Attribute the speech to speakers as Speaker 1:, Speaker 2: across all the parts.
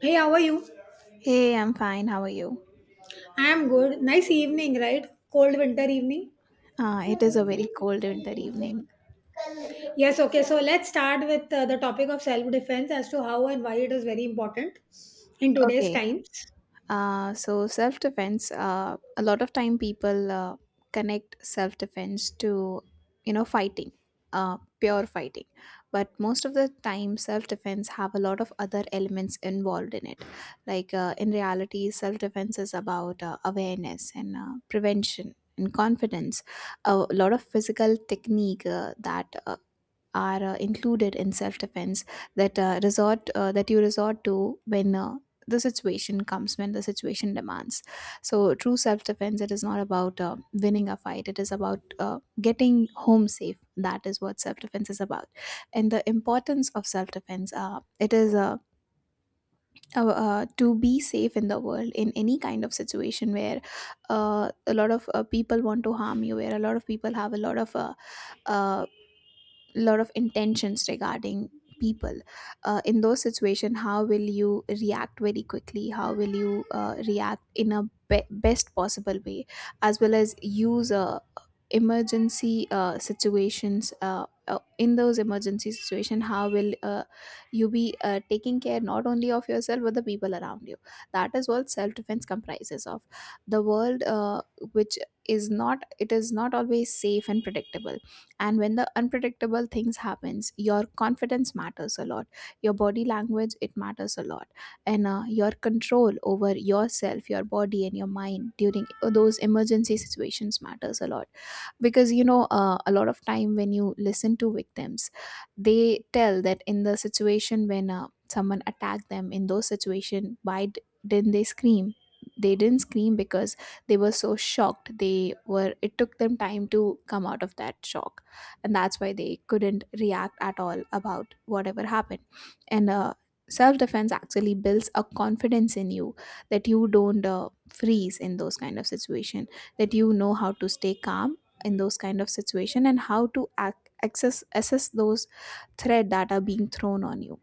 Speaker 1: Hey, how are you?
Speaker 2: Hey, I'm fine. How are you?
Speaker 1: I am good. Nice evening, right? Cold winter evening.
Speaker 2: It is a very cold winter evening.
Speaker 1: Yes, okay. So let's start with the topic of self defense as to how and why it is very important in today's
Speaker 2: Okay.
Speaker 1: times.
Speaker 2: So self defense. A lot of time people connect self defense to, you know, fighting, pure fighting. But most of the time, self defense have a lot of other elements involved in it. Like in reality, self defense is about awareness and prevention and confidence. A lot of physical technique that are included in self-defense that resort that you resort to when the situation comes when the situation demands. So true self-defense, it is not about winning a fight. It is about getting home safe. That is what self-defense is about. And the importance of self-defense, it is to be safe in the world in any kind of situation where a lot of people want to harm you, where a lot of people have a uh, lot of intentions regarding people. In those situation, how will you react very quickly? How will you react in a best possible way, as well as use emergency situations? In those emergency situation, how will you be taking care not only of yourself but the people around you? That is what self-defense comprises of. The world, which is not, it is not always safe and predictable. And when the unpredictable things happens, your confidence matters a lot. Your body language, it matters a lot. And your control over yourself, your body and your mind during those emergency situations matters a lot. Because you know, a lot of time when you listen to victims, they tell that in the situation when someone attacked them, in those situation, why didn't they scream? They didn't scream because they were so shocked, they were, it took them time to come out of that shock. And that's why they couldn't react at all about whatever happened. And self defense actually builds a confidence in you that you don't freeze in those kind of situation, that you know how to stay calm in those kind of situation, and how to ac- access assess those threat that are being thrown on you.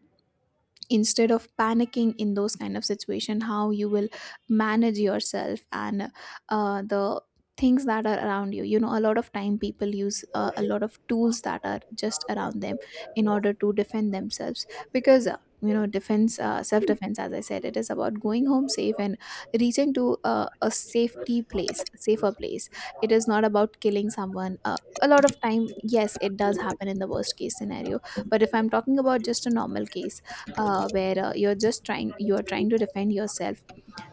Speaker 2: Instead of panicking in those kind of situation, how you will manage yourself and the things that are around you. You know, a lot of time people use a lot of tools that are just around them in order to defend themselves. Because you know, defense self defense, as I said, it is about going home safe and reaching to a safety place safer place. It is not about killing someone. A lot of time, yes, it does happen in the worst case scenario. But if I'm talking about just a normal case, where you're trying to defend yourself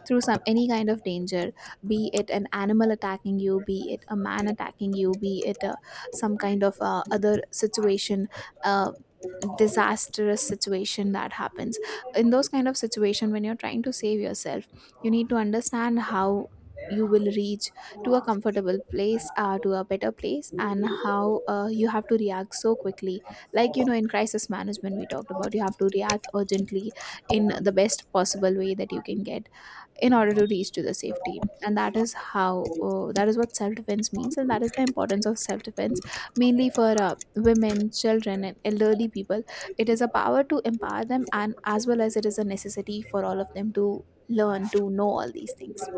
Speaker 2: through some, any kind of danger. Be it an animal attacking you, be it a man attacking you, be it a, some kind of other situation, uh, disastrous situation that happens. In those kind of situation, when you're trying to save yourself, you need to understand how you will reach to a comfortable place, to a better place, and how you have to react so quickly. Like you know, in crisis management, we talked about you have to react urgently in the best possible way that you can get, in order to reach to the safety. And that is how, that is what self defense means, and that is the importance of self defense, mainly for women, children and elderly people. It is a power to empower them, and as well as it is a necessity for all of them to learn, to know all these things.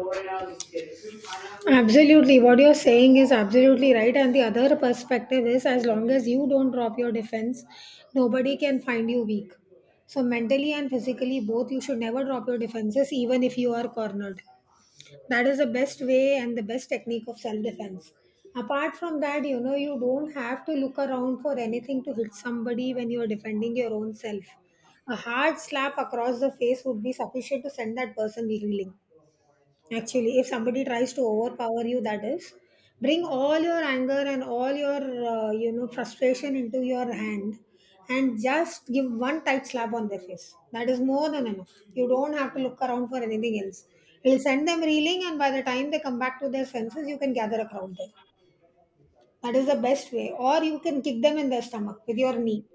Speaker 1: Absolutely. What you're saying is absolutely right. And the other perspective is, as long as you don't drop your defense, nobody can find you weak. So, mentally and physically, both, you should never drop your defenses, even if you are cornered. That is the best way and the best technique of self defense. Apart from that, you know, you don't have to look around for anything to hit somebody when you are defending your own self. A hard slap across the face would be sufficient to send that person reeling. Actually, if somebody tries to overpower you, that is, bring all your anger and all your you know, frustration into your hand, and just give one tight slap on their face. That is more than enough. You don't have to look around for anything else. It'll send them reeling, and by the time they come back to their senses, you can gather a crowd there. That is the best way. Or you can kick them in their stomach with your knee.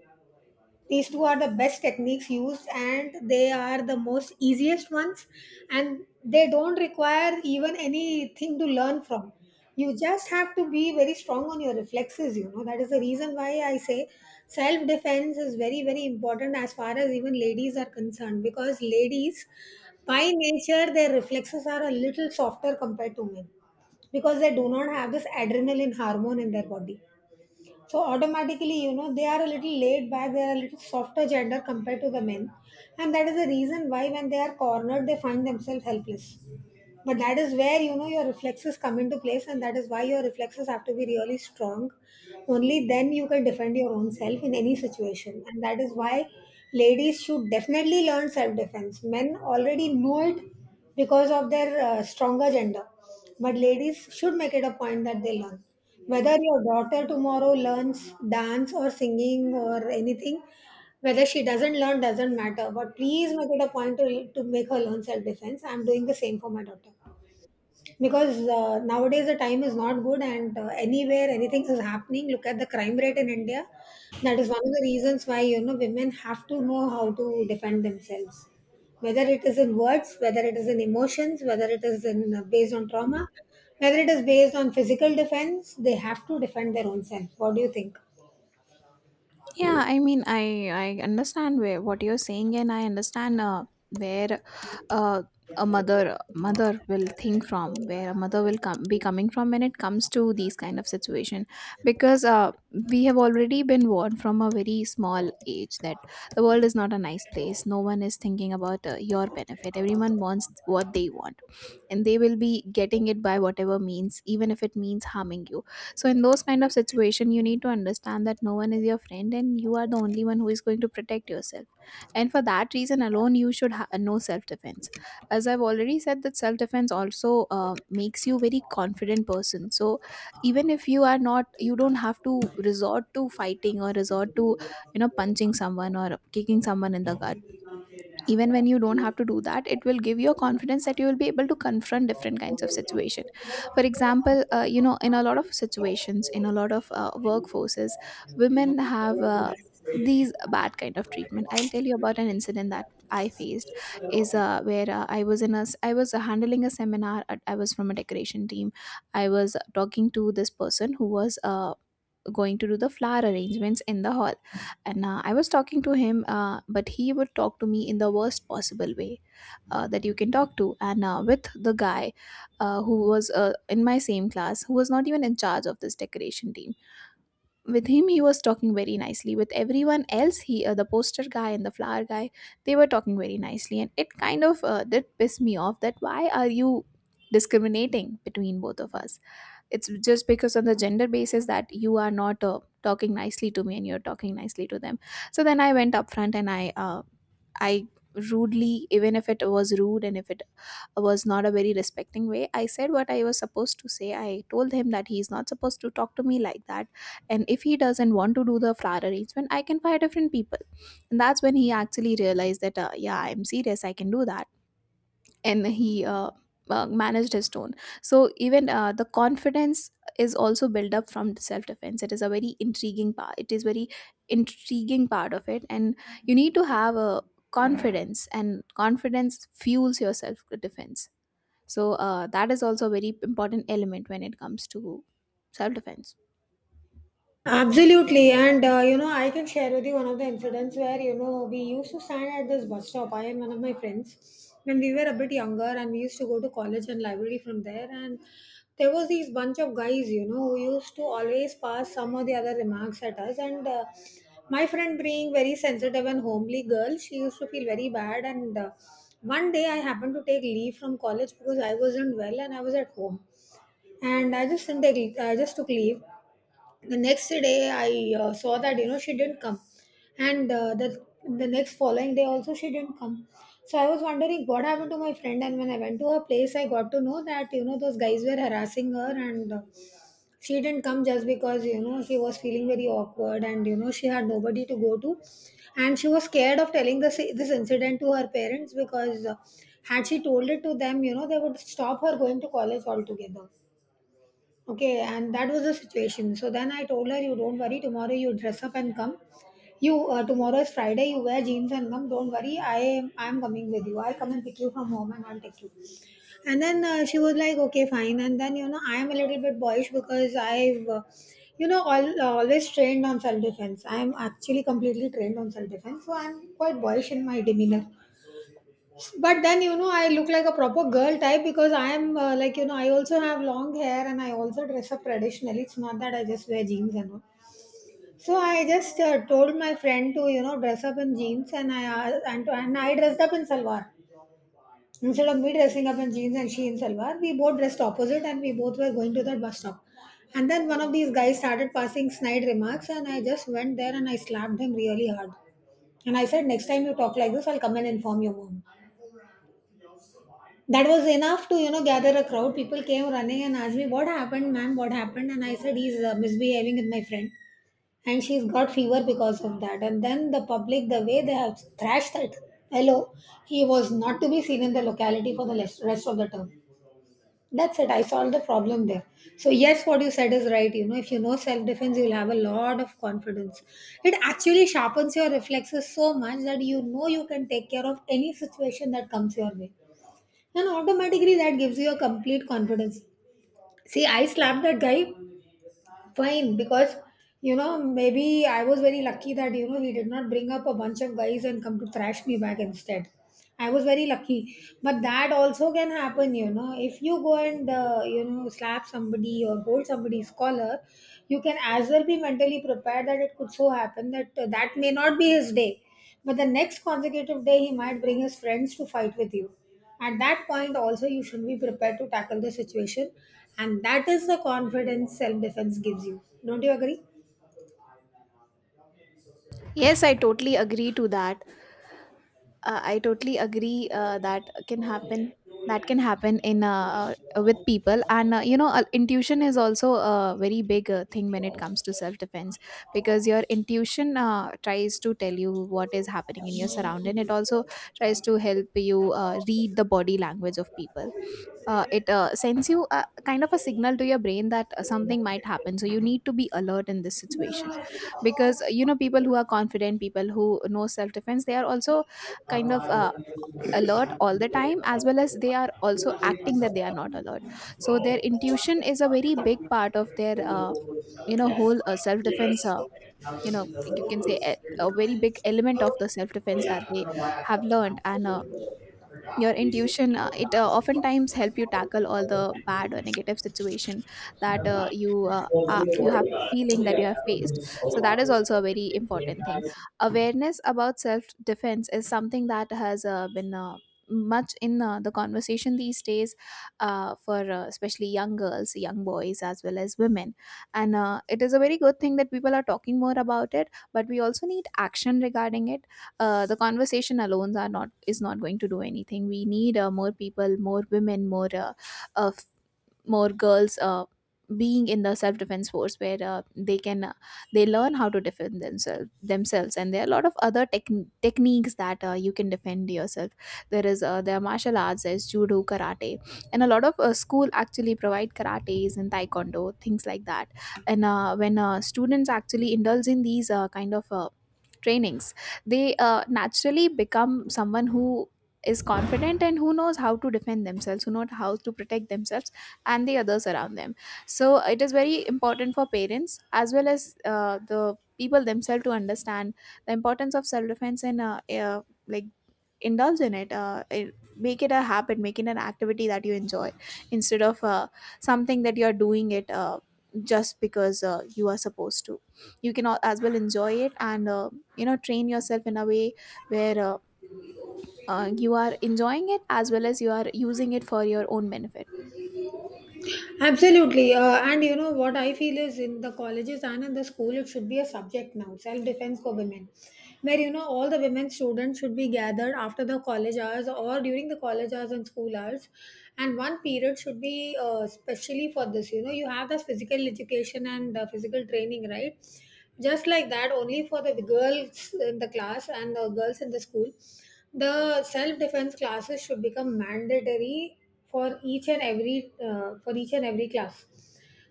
Speaker 1: These two are the best techniques used, and they are the most easiest ones, and they don't require even anything to learn from. You just have to be very strong on your reflexes. You know, that is the reason why I say self defense is very, very important as far as even ladies are concerned, because ladies by nature, their reflexes are a little softer compared to men, because they do not have this adrenaline hormone in their body. So automatically, you know, they are a little laid back, they are a little softer gender compared to the men, and that is the reason why when they are cornered, they find themselves helpless. But that is where, you know, your reflexes come into place, and that is why your reflexes have to be really strong. Only then you can defend your own self in any situation, and that is why ladies should definitely learn self defense. Men already know it because of their stronger gender. But ladies should make it a point that they learn. Whether your daughter tomorrow learns dance or singing or anything, whether she doesn't learn doesn't matter, but please make it a point to make her learn self defense. I'm doing the same for my daughter, because nowadays the time is not good, and anywhere anything is happening. Look at the crime rate in India. That is one of the reasons why, you know, women have to know how to defend themselves, whether it is in words, whether it is in emotions, whether it is in based on trauma, whether it is based on physical defense. They have to defend their own self. What do you think?
Speaker 2: Yeah, I mean, I understand where what you're saying, and I understand where uh, a mother will think from, where a mother will come, be coming from, when it comes to these kind of situation. Because we have already been warned from a very small age that the world is not a nice place. No one is thinking about your benefit. Everyone wants what they want, and they will be getting it by whatever means, even if it means harming you. So in those kind of situation, you need to understand that no one is your friend, and you are the only one who is going to protect yourself. And for that reason alone, you should know self defense. As I've already said that self defense also makes you very confident person. So even if you are not, you don't have to resort to fighting, or resort to, you know, punching someone or kicking someone in the gut. Even when you don't have to do that, it will give you a confidence that you will be able to confront different kinds of situation. For example, you know, in a lot of situations, in a lot of workforces, women have these bad kind of treatment. I'll tell you about an incident that I faced, is where I was in a I was handling a seminar at, I was from a decoration team. I was talking to this person who was going to do the flower arrangements in the hall. And I was talking to him, but he would talk to me in the worst possible way that you can talk to. And with the guy who was in my same class, who was not even in charge of this decoration team, with him he was talking very nicely. With everyone else, he the poster guy and the flower guy, they were talking very nicely. And it kind of did piss me off, that why are you discriminating between both of us? It's just because on the gender basis that you are not talking nicely to me and you're talking nicely to them. So then I went up front and I rudely, even if it was rude and if it was not a very respecting way, I said what I was supposed to say. I told him that he's not supposed to talk to me like that, and if he doesn't want to do the flower arrangement, I can find different people. And that's when he actually realized that, yeah, I'm serious, I can do that. And he managed his tone. So even the confidence is also built up from self defense. It is a very intriguing part. It is very intriguing part of it, and you need to have a confidence, and confidence fuels your self defense. So that is also a very important element when it comes to self defense.
Speaker 1: Absolutely. And you know, I can share with you one of the incidents where, you know, we used to stand at this bus stop, I and one of my friends, when we were a bit younger, and we used to go to college and library from there. And there was these bunch of guys, you know, who used to always pass some or the other remarks at us. And my friend, being very sensitive and homely girl, she used to feel very bad. And one day, I happened to take leave from college because I wasn't well and I was at home, and I just didn't take, I just took leave. The next day I saw that, you know, she didn't come. And the next following day also she didn't come. So I was wondering what happened to my friend, and when I went to her place, I got to know that, you know, those guys were harassing her. And she didn't come just because, you know, she was feeling very awkward, and you know, she had nobody to go to, and she was scared of telling this incident to her parents, because had she told it to them, you know, they would stop her going to college altogether. Okay, and that was the situation. So then I told her, "You don't worry. Tomorrow you dress up and come. You tomorrow is Friday. You wear jeans and come. Don't worry. I am coming with you. I'll come and pick you from home and I'll take you." And then she was like, "Okay, fine." And then, you know, I am a little bit boyish because I've you know, always trained on self defense. I am actually completely trained on self defense, so I'm quite boyish in my demeanor. But then, you know, I look like a proper girl type, because I am like, you know, I also have long hair and I also dress up traditionally. It's not that I just wear jeans and all. So I just told my friend to, you know, dress up in jeans, and I and I dressed up in salwar. Instead of me dressing up in jeans and she in salwar, we both dressed opposite, and we both were going to that bus stop. And then one of these guys started passing snide remarks, and I just went there and I slapped him really hard. And I said, "Next time you talk like this, I'll come and inform your mom." That was enough to, you know, gather a crowd. People came running and asked me, "What happened, ma'am? What happened?" And I said, "He's misbehaving with my friend, and she's got fever because of that." And then the public, the way they have thrashed that, hello, he was not to be seen in the locality for the rest of the term. That's it. I solved the problem there. So, yes, what you said is right. You know, if you know self defense, you'll have a lot of confidence. It actually sharpens your reflexes so much that, you know, you can take care of any situation that comes your way, and automatically that gives you a complete confidence. See, I slapped that guy, fine, because, you know, maybe I was very lucky that, you know, he did not bring up a bunch of guys and come to thrash me back instead. I was very lucky. But that also can happen. You know, if you go and you know, slap somebody or hold somebody's collar, you can as well be mentally prepared that it could so happen that that may not be his day, but the next consecutive day he might bring his friends to fight with you. At that point also, you should be prepared to tackle the situation, and that is the confidence self defense gives you. Don't you agree?
Speaker 2: Yes, I totally agree to that. I totally agree, that can happen in with people. And you know, intuition is also a very big thing when it comes to self defense. Because your intuition tries to tell you what is happening in your surrounding. It also tries to help you read the body language of people. It sends you a kind of a signal to your brain that something might happen, so you need to be alert in this situation. Because you know, people who are confident, people who know self defense, they are also kind of alert all the time, as well as they are also acting that they are not alert. So their intuition is a very big part of their, you know, whole self defense. You know, you can say a very big element of the self defense that they have learned. And your intuition, it oftentimes help you tackle all the bad or negative situation that you have feeling, that you have faced. So that is also a very important thing. Awareness about self defense is something that has been much in the conversation these days, for especially young girls, young boys, as well as women. And it is a very good thing that people are talking more about it, but we also need action regarding it. Uh, the conversation alone are not is not going to do anything. We need more people, more women, more uh, more girls being in the self-defense force, where they can they learn how to defend themselves. And there are a lot of other techniques that you can defend yourself. There is, there are martial arts, there's judo, karate. And a lot of school actually provide karates and taekwondo, things like that. And when Students actually indulge in these kind of trainings. They naturally become someone who is confident and who knows how to defend themselves, who know how to protect themselves and the others around them. So it is very important for parents as well as the people themselves to understand the importance of self defense and like, indulge in it. Make it a habit, make it an activity that you enjoy instead of something that you are doing it just because you are supposed to. You can as well enjoy it, and you know, train yourself in a way where you are enjoying it as well as you are using it for your own benefit.
Speaker 1: Absolutely. And you know what I feel is, in the colleges and in the school, it should be a subject now, self defense for women, where, you know, all the women students should be gathered after the college hours or during the college hours and school hours. And one period should be specially for this. You know, you have the physical education and physical training, right? Just like that, only for the girls in the class and the girls in the school, the self defense classes should become mandatory for each and every for each and every class.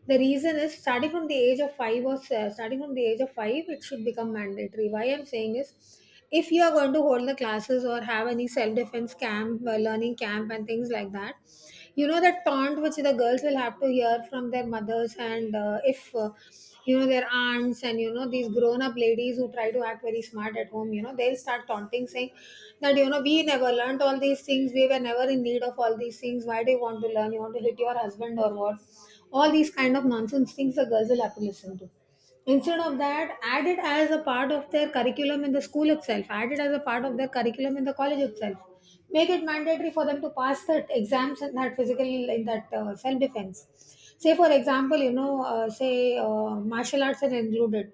Speaker 1: The reason is, starting from the age of 5 starting from the age of 5, it should become mandatory. Why I'm saying is, if you are going to hold the classes or have any self defense camp learning camp and things like that, you know that taunt which the girls will have to hear from their mothers, and if you know, their aunts, and you know, these grown up ladies who try to act very smart at home, you know they'll start taunting, saying that, "You know, we never learnt all these things. We were never in need of all these things. Why do you want to learn? You want to hit your husband or what?" All these kind of nonsense things the girls will have to listen to. Instead of that, add it as a part of their curriculum in the school itself, add it as a part of their curriculum in the college itself. Make it mandatory for them to pass that exams in that physical, in that self defense. Say, for example, you know, say martial arts are included.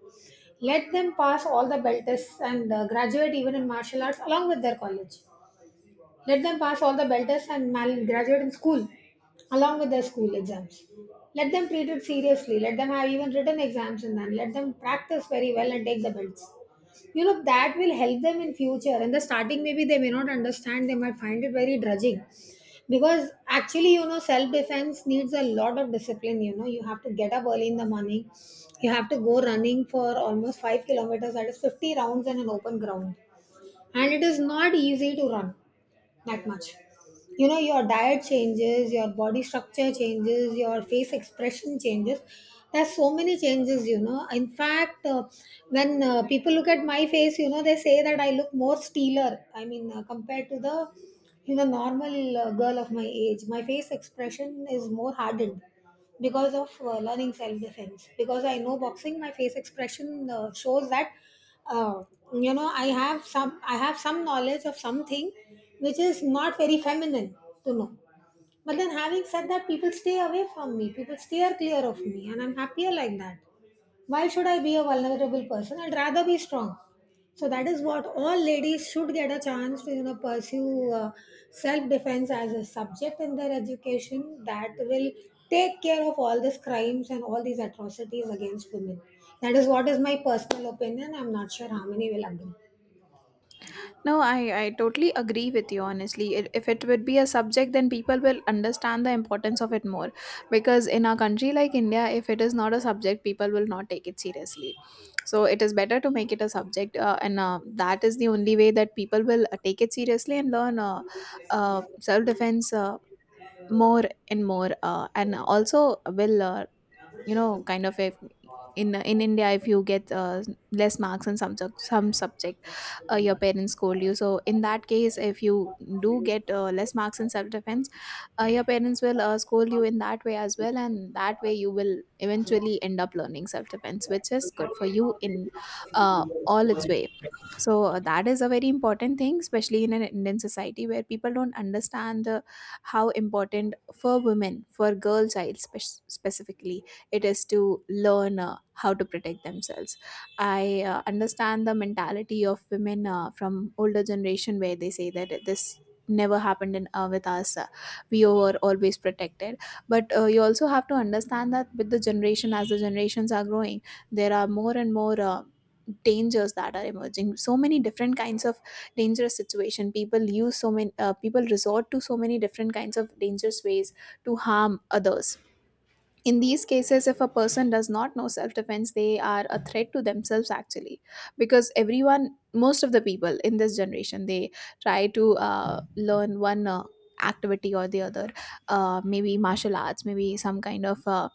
Speaker 1: Let them pass all the belt tests and graduate even in martial arts along with their college. Let them pass all the belters and graduate in school, along with their school exams. Let them treat it seriously. Let them have even written exams in them. Let them practice very well and take the belts. You know that will help them in future. In the starting, maybe they may not understand. They might find it very drudging, because actually, you know, self defense needs a lot of discipline. You know, you have to get up early in the morning. You have to go running for almost 5 kilometers. That is 50 rounds in an open ground, and it is not easy to run that much. You know, your diet changes, your body structure changes, your face expression changes, there's so many changes, you know. In fact, when people look at my face, you know, they say that I look more steeler, I mean, compared to the, you know, normal girl of my age, my face expression is more hardened because of learning self defense. Because I know boxing, my face expression shows that uh, you know, I have some knowledge of something which is not very feminine to know. But then, having said that, people stay away from me, people steer clear of me, and I'm happier like that. Why should I be a vulnerable person? I'd rather be strong. So that is what all ladies should get a chance to, you know, pursue, self defense as a subject in their education. That will take care of all these crimes and all these atrocities against women. That is what is my personal opinion. I'm not sure how many will agree.
Speaker 2: No, I totally agree with you, honestly. If it would be a subject, then people will understand the importance of it more. Because in a country like India, if it is not a subject, people will not take it seriously. So it is better to make it a subject, and that is the only way that people will take it seriously and learn self defense more and more, and also will, you know, kind of a in India, if you get less marks in some subject, your parents scold you. So in that case, if you do get less marks in self defense, your parents will scold you in that way as well, and that way you will eventually end up learning self defense, which is good for you in all its way. So that is a very important thing, especially in an Indian society where people don't understand the how important, for women, for girl child specifically, it is to learn how to protect themselves. I understand the mentality of women from older generation, where they say that this never happened in with us. We were always protected. But you also have to understand that with the generation, as the generations are growing, there are more and more dangers that are emerging, so many different kinds of dangerous situation. People use so many people resort to so many different kinds of dangerous ways to harm others. In these cases, if a person does not know self defense, they are a threat to themselves actually, because everyone, most of the people in this generation, they try to learn one activity or the other. Maybe martial arts, maybe some kind of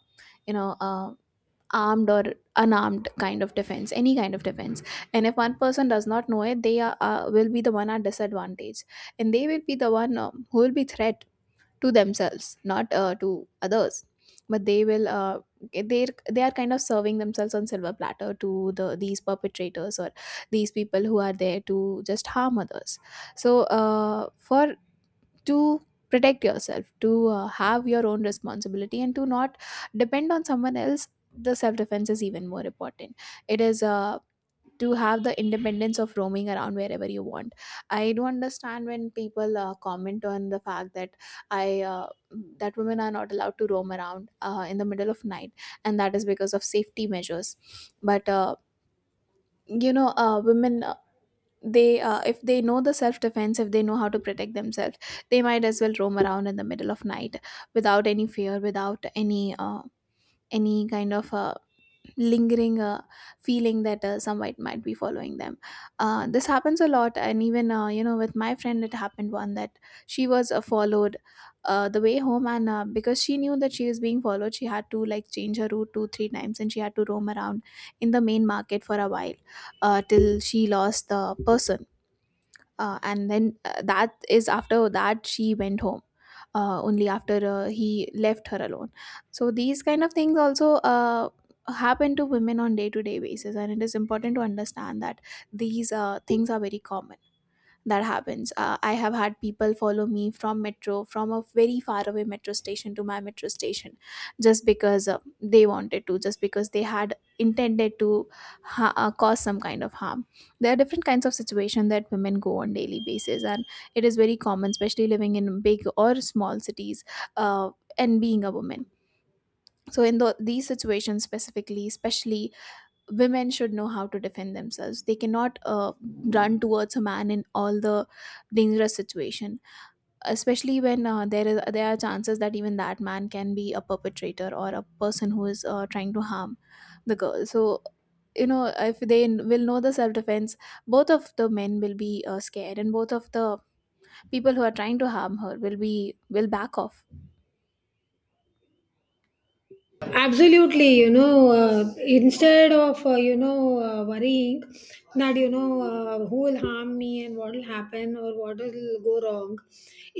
Speaker 2: you know uh, armed or unarmed kind of defense, any kind of defense. And if one person does not know it, they are, will be the one at disadvantage, and they will be the one, um, who will be threat to themselves, not to others. But they will, they they are kind of serving themselves on silver platter to the these perpetrators or these people who are there to just harm others. So for to protect yourself, to have your own responsibility and to not depend on someone else, the self defense is even more important. It is to have the independence of roaming around wherever you want. I do understand when people comment on the fact that I that women are not allowed to roam around in the middle of night, and that is because of safety measures. But women, they if they know the self defense, if they know how to protect themselves, they might as well roam around in the middle of night without any fear, without any kind of lingering feeling that someone might be following them. This happens a lot, and even you know, with my friend, it happened one that she was followed the way home, and because she knew that she was being followed, she had to like change her route two three times, and she had to roam around in the main market for a while till she lost the person. And then that is, after that she went home only after he left her alone. So these kind of things also happen to women on day to day basis, and it is important to understand that these things are very common, that happens. I have had people follow me from metro, from a very far away metro station to my metro station, just because they wanted to, just because they had intended to cause some kind of harm. There are different kinds of situations that women go on daily basis, and it is very common, especially living in big or small cities, uh, and being a woman. So in the, these situations specifically, especially women should know how to defend themselves. They cannot run towards a man in all the dangerous situation, especially when there are chances that even that man can be a perpetrator or a person who is trying to harm the girl. So you know, if they will know the self defense, both of the men will be scared, and both of the people who are trying to harm her will be, will back off.
Speaker 1: Absolutely, you know, instead of, you know, worrying that, you know, who will harm me and what will happen or what will go wrong,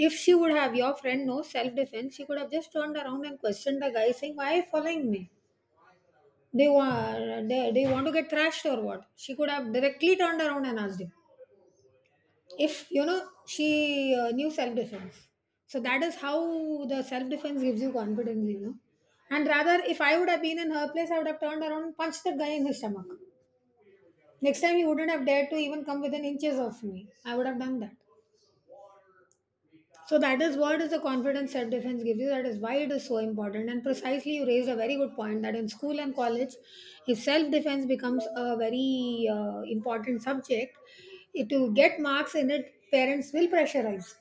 Speaker 1: if she would have, your friend, no self defense, she could have just turned around and questioned the guy saying, why are you following me? Do you want to get thrashed or what? She could have directly turned around and asked him, if you know, she knew self defense. So that is how the self defense gives you confidence, you know. And rather, if I would have been in her place, I would have turned around and punched that guy in his stomach. Next time he wouldn't have dared to even come within inches of me. I would have done that. So that is what is the confidence self defense gives you. That is why it is so important. And precisely you raised a very good point that in school and college, if self defense becomes a very important subject, it, to get marks in it, parents will pressurize,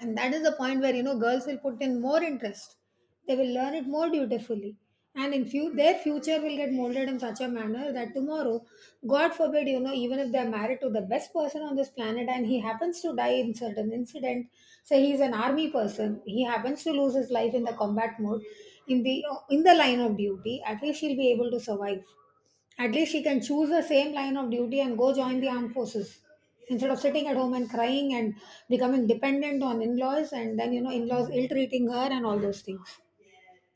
Speaker 1: and that is the point where, you know, girls will put in more interest. They will learn it more dutifully, and in few, their future will get molded in such a manner that tomorrow, god forbid, you know, even if they are married to the best person on this planet and he happens to die in certain incident, say he is an army person, he happens to lose his life in the combat mode, in the in the line of duty, at least she'll be able to survive. At least she can choose the same line of duty and go join the armed forces instead of sitting at home and crying and becoming dependent on in laws, and then, you know, in laws ill treating her and all those things.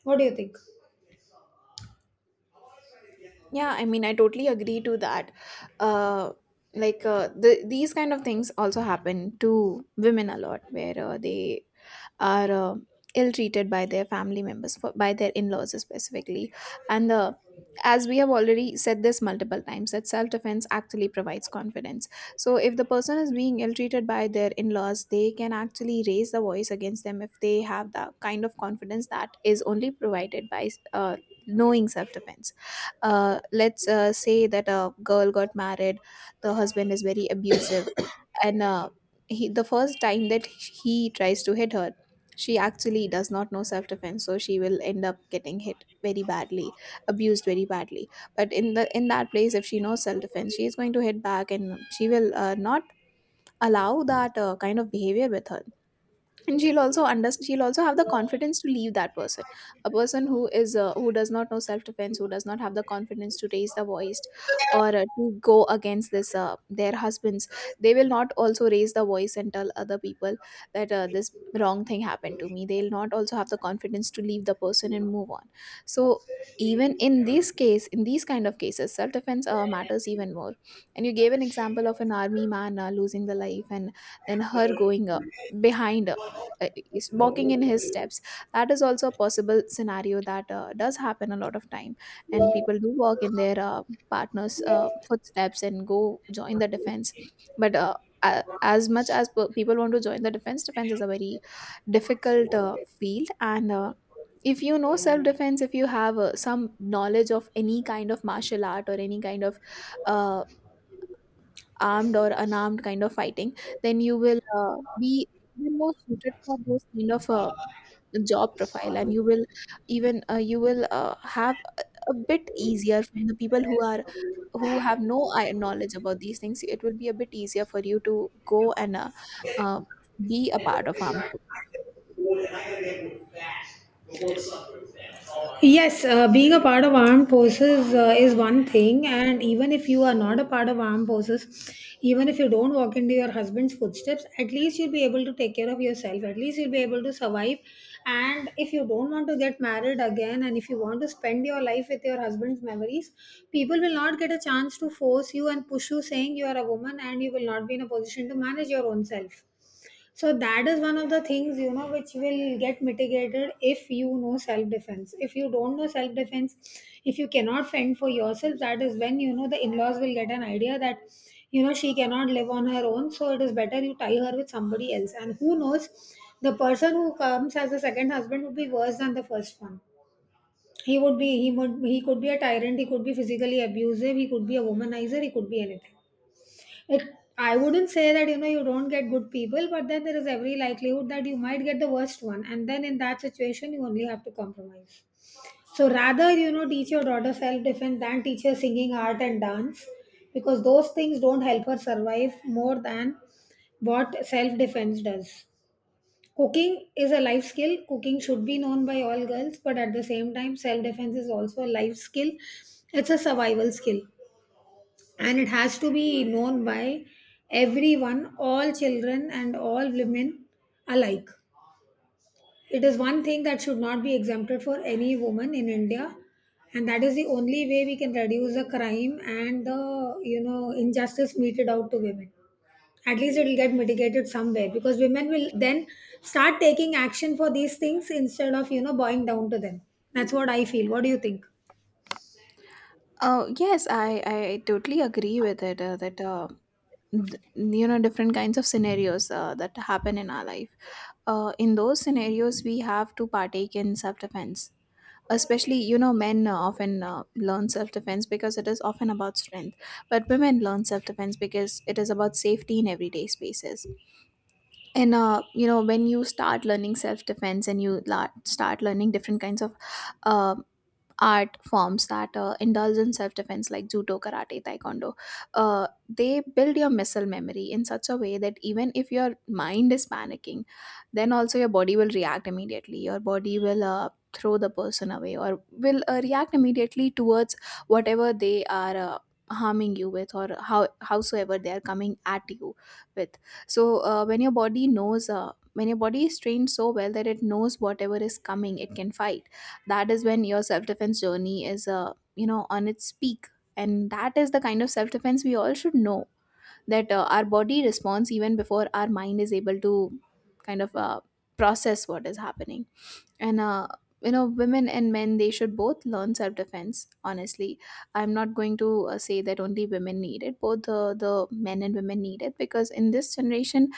Speaker 1: What do you think?
Speaker 2: Yeah, I mean, I totally agree to that. Uh, like these kind of things also happen to women a lot, where they are ill-treated by their family members, by their in-laws specifically. And as we have already said this multiple times, that self-defense actually provides confidence. So if the person is being ill-treated by their in-laws, they can actually raise the voice against them if they have the kind of confidence that is only provided by knowing self-defense. Let's say that a girl got married, the husband is very abusive, and he the first time that he tries to hit her, she actually does not know self defense, so she will end up getting hit very badly, abused very badly. But in the, in that place, if she knows self defense, she is going to hit back, and she will not allow that kind of behavior with her. And she'll also under she'll also have the confidence to leave that person. A person who is who does not know self defense, who does not have the confidence to raise the voice or to go against this their husbands, they will not also raise the voice and tell other people that this wrong thing happened to me. They'll not also have the confidence to leave the person and move on. So even in this case, in these kind of cases, self defense matters even more. And you gave an example of an army man losing the life, and then her going behind is walking in his steps. That is also a possible scenario that does happen a lot of time, and people do walk in their partner's footsteps and go join the defense. But as much as people want to join the defense, defense is a very difficult field, and if you know self defense, if you have some knowledge of any kind of martial art or any kind of uh, armed or unarmed kind of fighting, then you will be more suited for those kind of job profile, and you will even you will have a bit easier from the people who are, who have no knowledge about these things. It will be a bit easier for you to go and uh, be a part of harmful.
Speaker 1: Yes, being a part of armed forces is one thing, and even if you are not a part of armed forces, even if you don't walk into your husband's footsteps, at least you'll be able to take care of yourself. At least you'll be able to survive. And if you don't want to get married again, and if you want to spend your life with your husband's memories, people will not get a chance to force you and push you, saying you are a woman and you will not be in a position to manage your own self. So that is one of the things, you know, which will get mitigated if you know self defense. If you don't know self defense, if you cannot fend for yourself, that is when, you know, the in laws will get an idea that, you know, she cannot live on her own. So it is better you tie her with somebody else. And who knows, the person who comes as a second husband would be worse than the first one. He would be, he would, he could be a tyrant. He could be physically abusive. He could be a womanizer. He could be anything. It, I wouldn't say that, you know, you don't get good people, but then there is every likelihood that you might get the worst one, and then in that situation you only have to compromise. So rather, you know, teach your daughter self defense than teach her singing, art, and dance, because those things don't help her survive more than what self defense does. Cooking is a life skill. Cooking should be known by all girls, but at the same time, self defense is also a life skill. It's a survival skill, and it has to be known by everyone, all children and all women alike. It is one thing that should not be exempted for any woman in India, and that is the only way we can reduce the crime and the, you know, injustice meted out to women. At least it will get mitigated somewhere, because women will then start taking action for these things instead of, you know, bowing down to them. That's what I feel. What do you think?
Speaker 2: Oh yes, I totally agree with it that you know, different kinds of scenarios that happen in our life. In those scenarios, we have to partake in self defense. Especially you know, men often learn self defense because it is often about strength, but women learn self defense because it is about safety in everyday spaces. And you know, when you start learning self defense and you start learning different kinds of uh, art forms that indulge in self defense, like judo, karate, taekwondo, they build your muscle memory in such a way that even if your mind is panicking, then also your body will react immediately. Your body will throw the person away or will react immediately towards whatever they are. Harming you with, or how howsoever they are coming at you with. So when your body knows when your body is trained so well that it knows whatever is coming it can fight, that is when your self defense journey is you know, on its peak. And that is the kind of self defense we all should know, that our body responds even before our mind is able to kind of process what is happening. And you know, women and men, they should both learn self defense honestly. I'm not going to say that only women need it. Both the men and women need it, because in this generation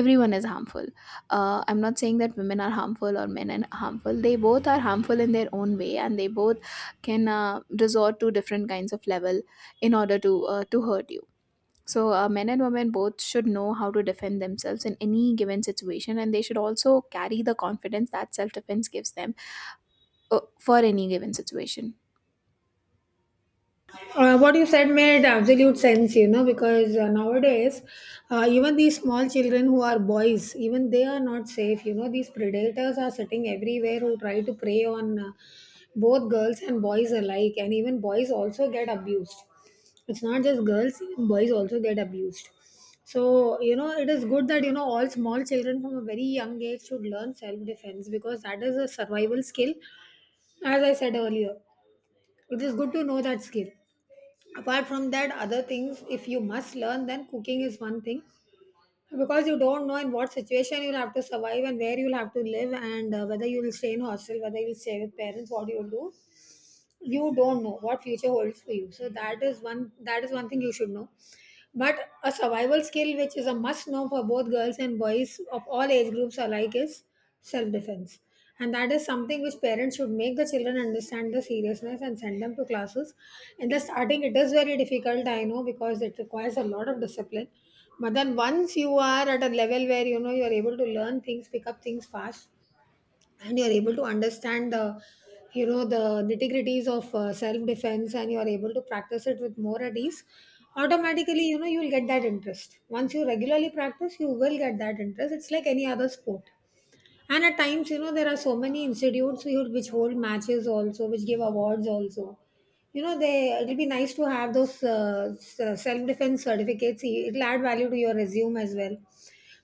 Speaker 2: everyone is harmful. I'm not saying that women are harmful or men are harmful. They both are harmful in their own way, and they both can resort to different kinds of level in order to hurt you. So men and women both should know how to defend themselves in any given situation, and they should also carry the confidence that self defense gives them for any given situation.
Speaker 1: What you said made absolute sense, you know, because nowadays, even these small children who are boys, even they are not safe. You know, these predators are sitting everywhere who try to prey on both girls and boys alike, and even boys also get abused. It's not just girls, even boys also get abused. So, you know, it is good that, you know, all small children from a very young age should learn self defense because that is a survival skill. As I said earlier, it is good to know that skill. Apart from that, other things if you must learn, then cooking is one thing, because you don't know in what situation you'll have to survive and where you'll have to live and whether you'll stay in hostel, whether you'll stay with parents, what you'll do. You don't know what future holds for you, so that is one, that is one thing you should know. But a survival skill which is a must know for both girls and boys of all age groups alike is self defense, and that is something which parents should make the children understand the seriousness and send them to classes. In the starting it is very difficult, I know, because it requires a lot of discipline. But then once you are at a level where, you know, you are able to learn things, pick up things fast, and you're able to understand the, you know, the nitty gritties of self defense, and you're able to practice it with more at ease, automatically, you know, you'll get that interest. Once you regularly practice, you will get that interest. It's like any other sport. And at times, you know, there are so many institutes which hold matches also, which give awards also. You know, they, it'll be nice to have those self defense certificates. It'll add value to your resume as well.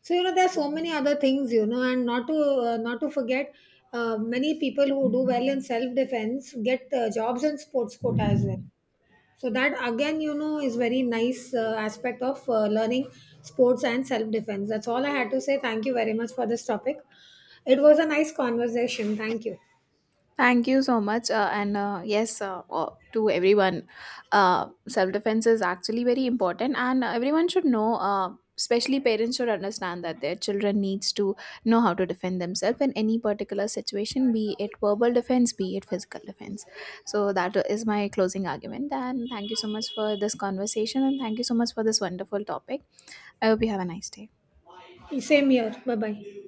Speaker 1: So you know, there are so many other things. You know, and not to not to forget, many people who do well in self defense get jobs in sports quota as well. So that again, you know, is very nice aspect of learning sports and self defense. That's all I had to say. Thank you very much for this topic. It was a nice conversation. Thank you.
Speaker 2: Thank you so much. And yes, to everyone, self defense is actually very important, and everyone should know. Especially parents should understand that their children needs to know how to defend themselves in any particular situation, be it verbal defense, be it physical defense. So that is my closing argument, and thank you so much for this conversation, and thank you so much for this wonderful topic. I hope you have a nice day.
Speaker 1: Same here. Bye bye.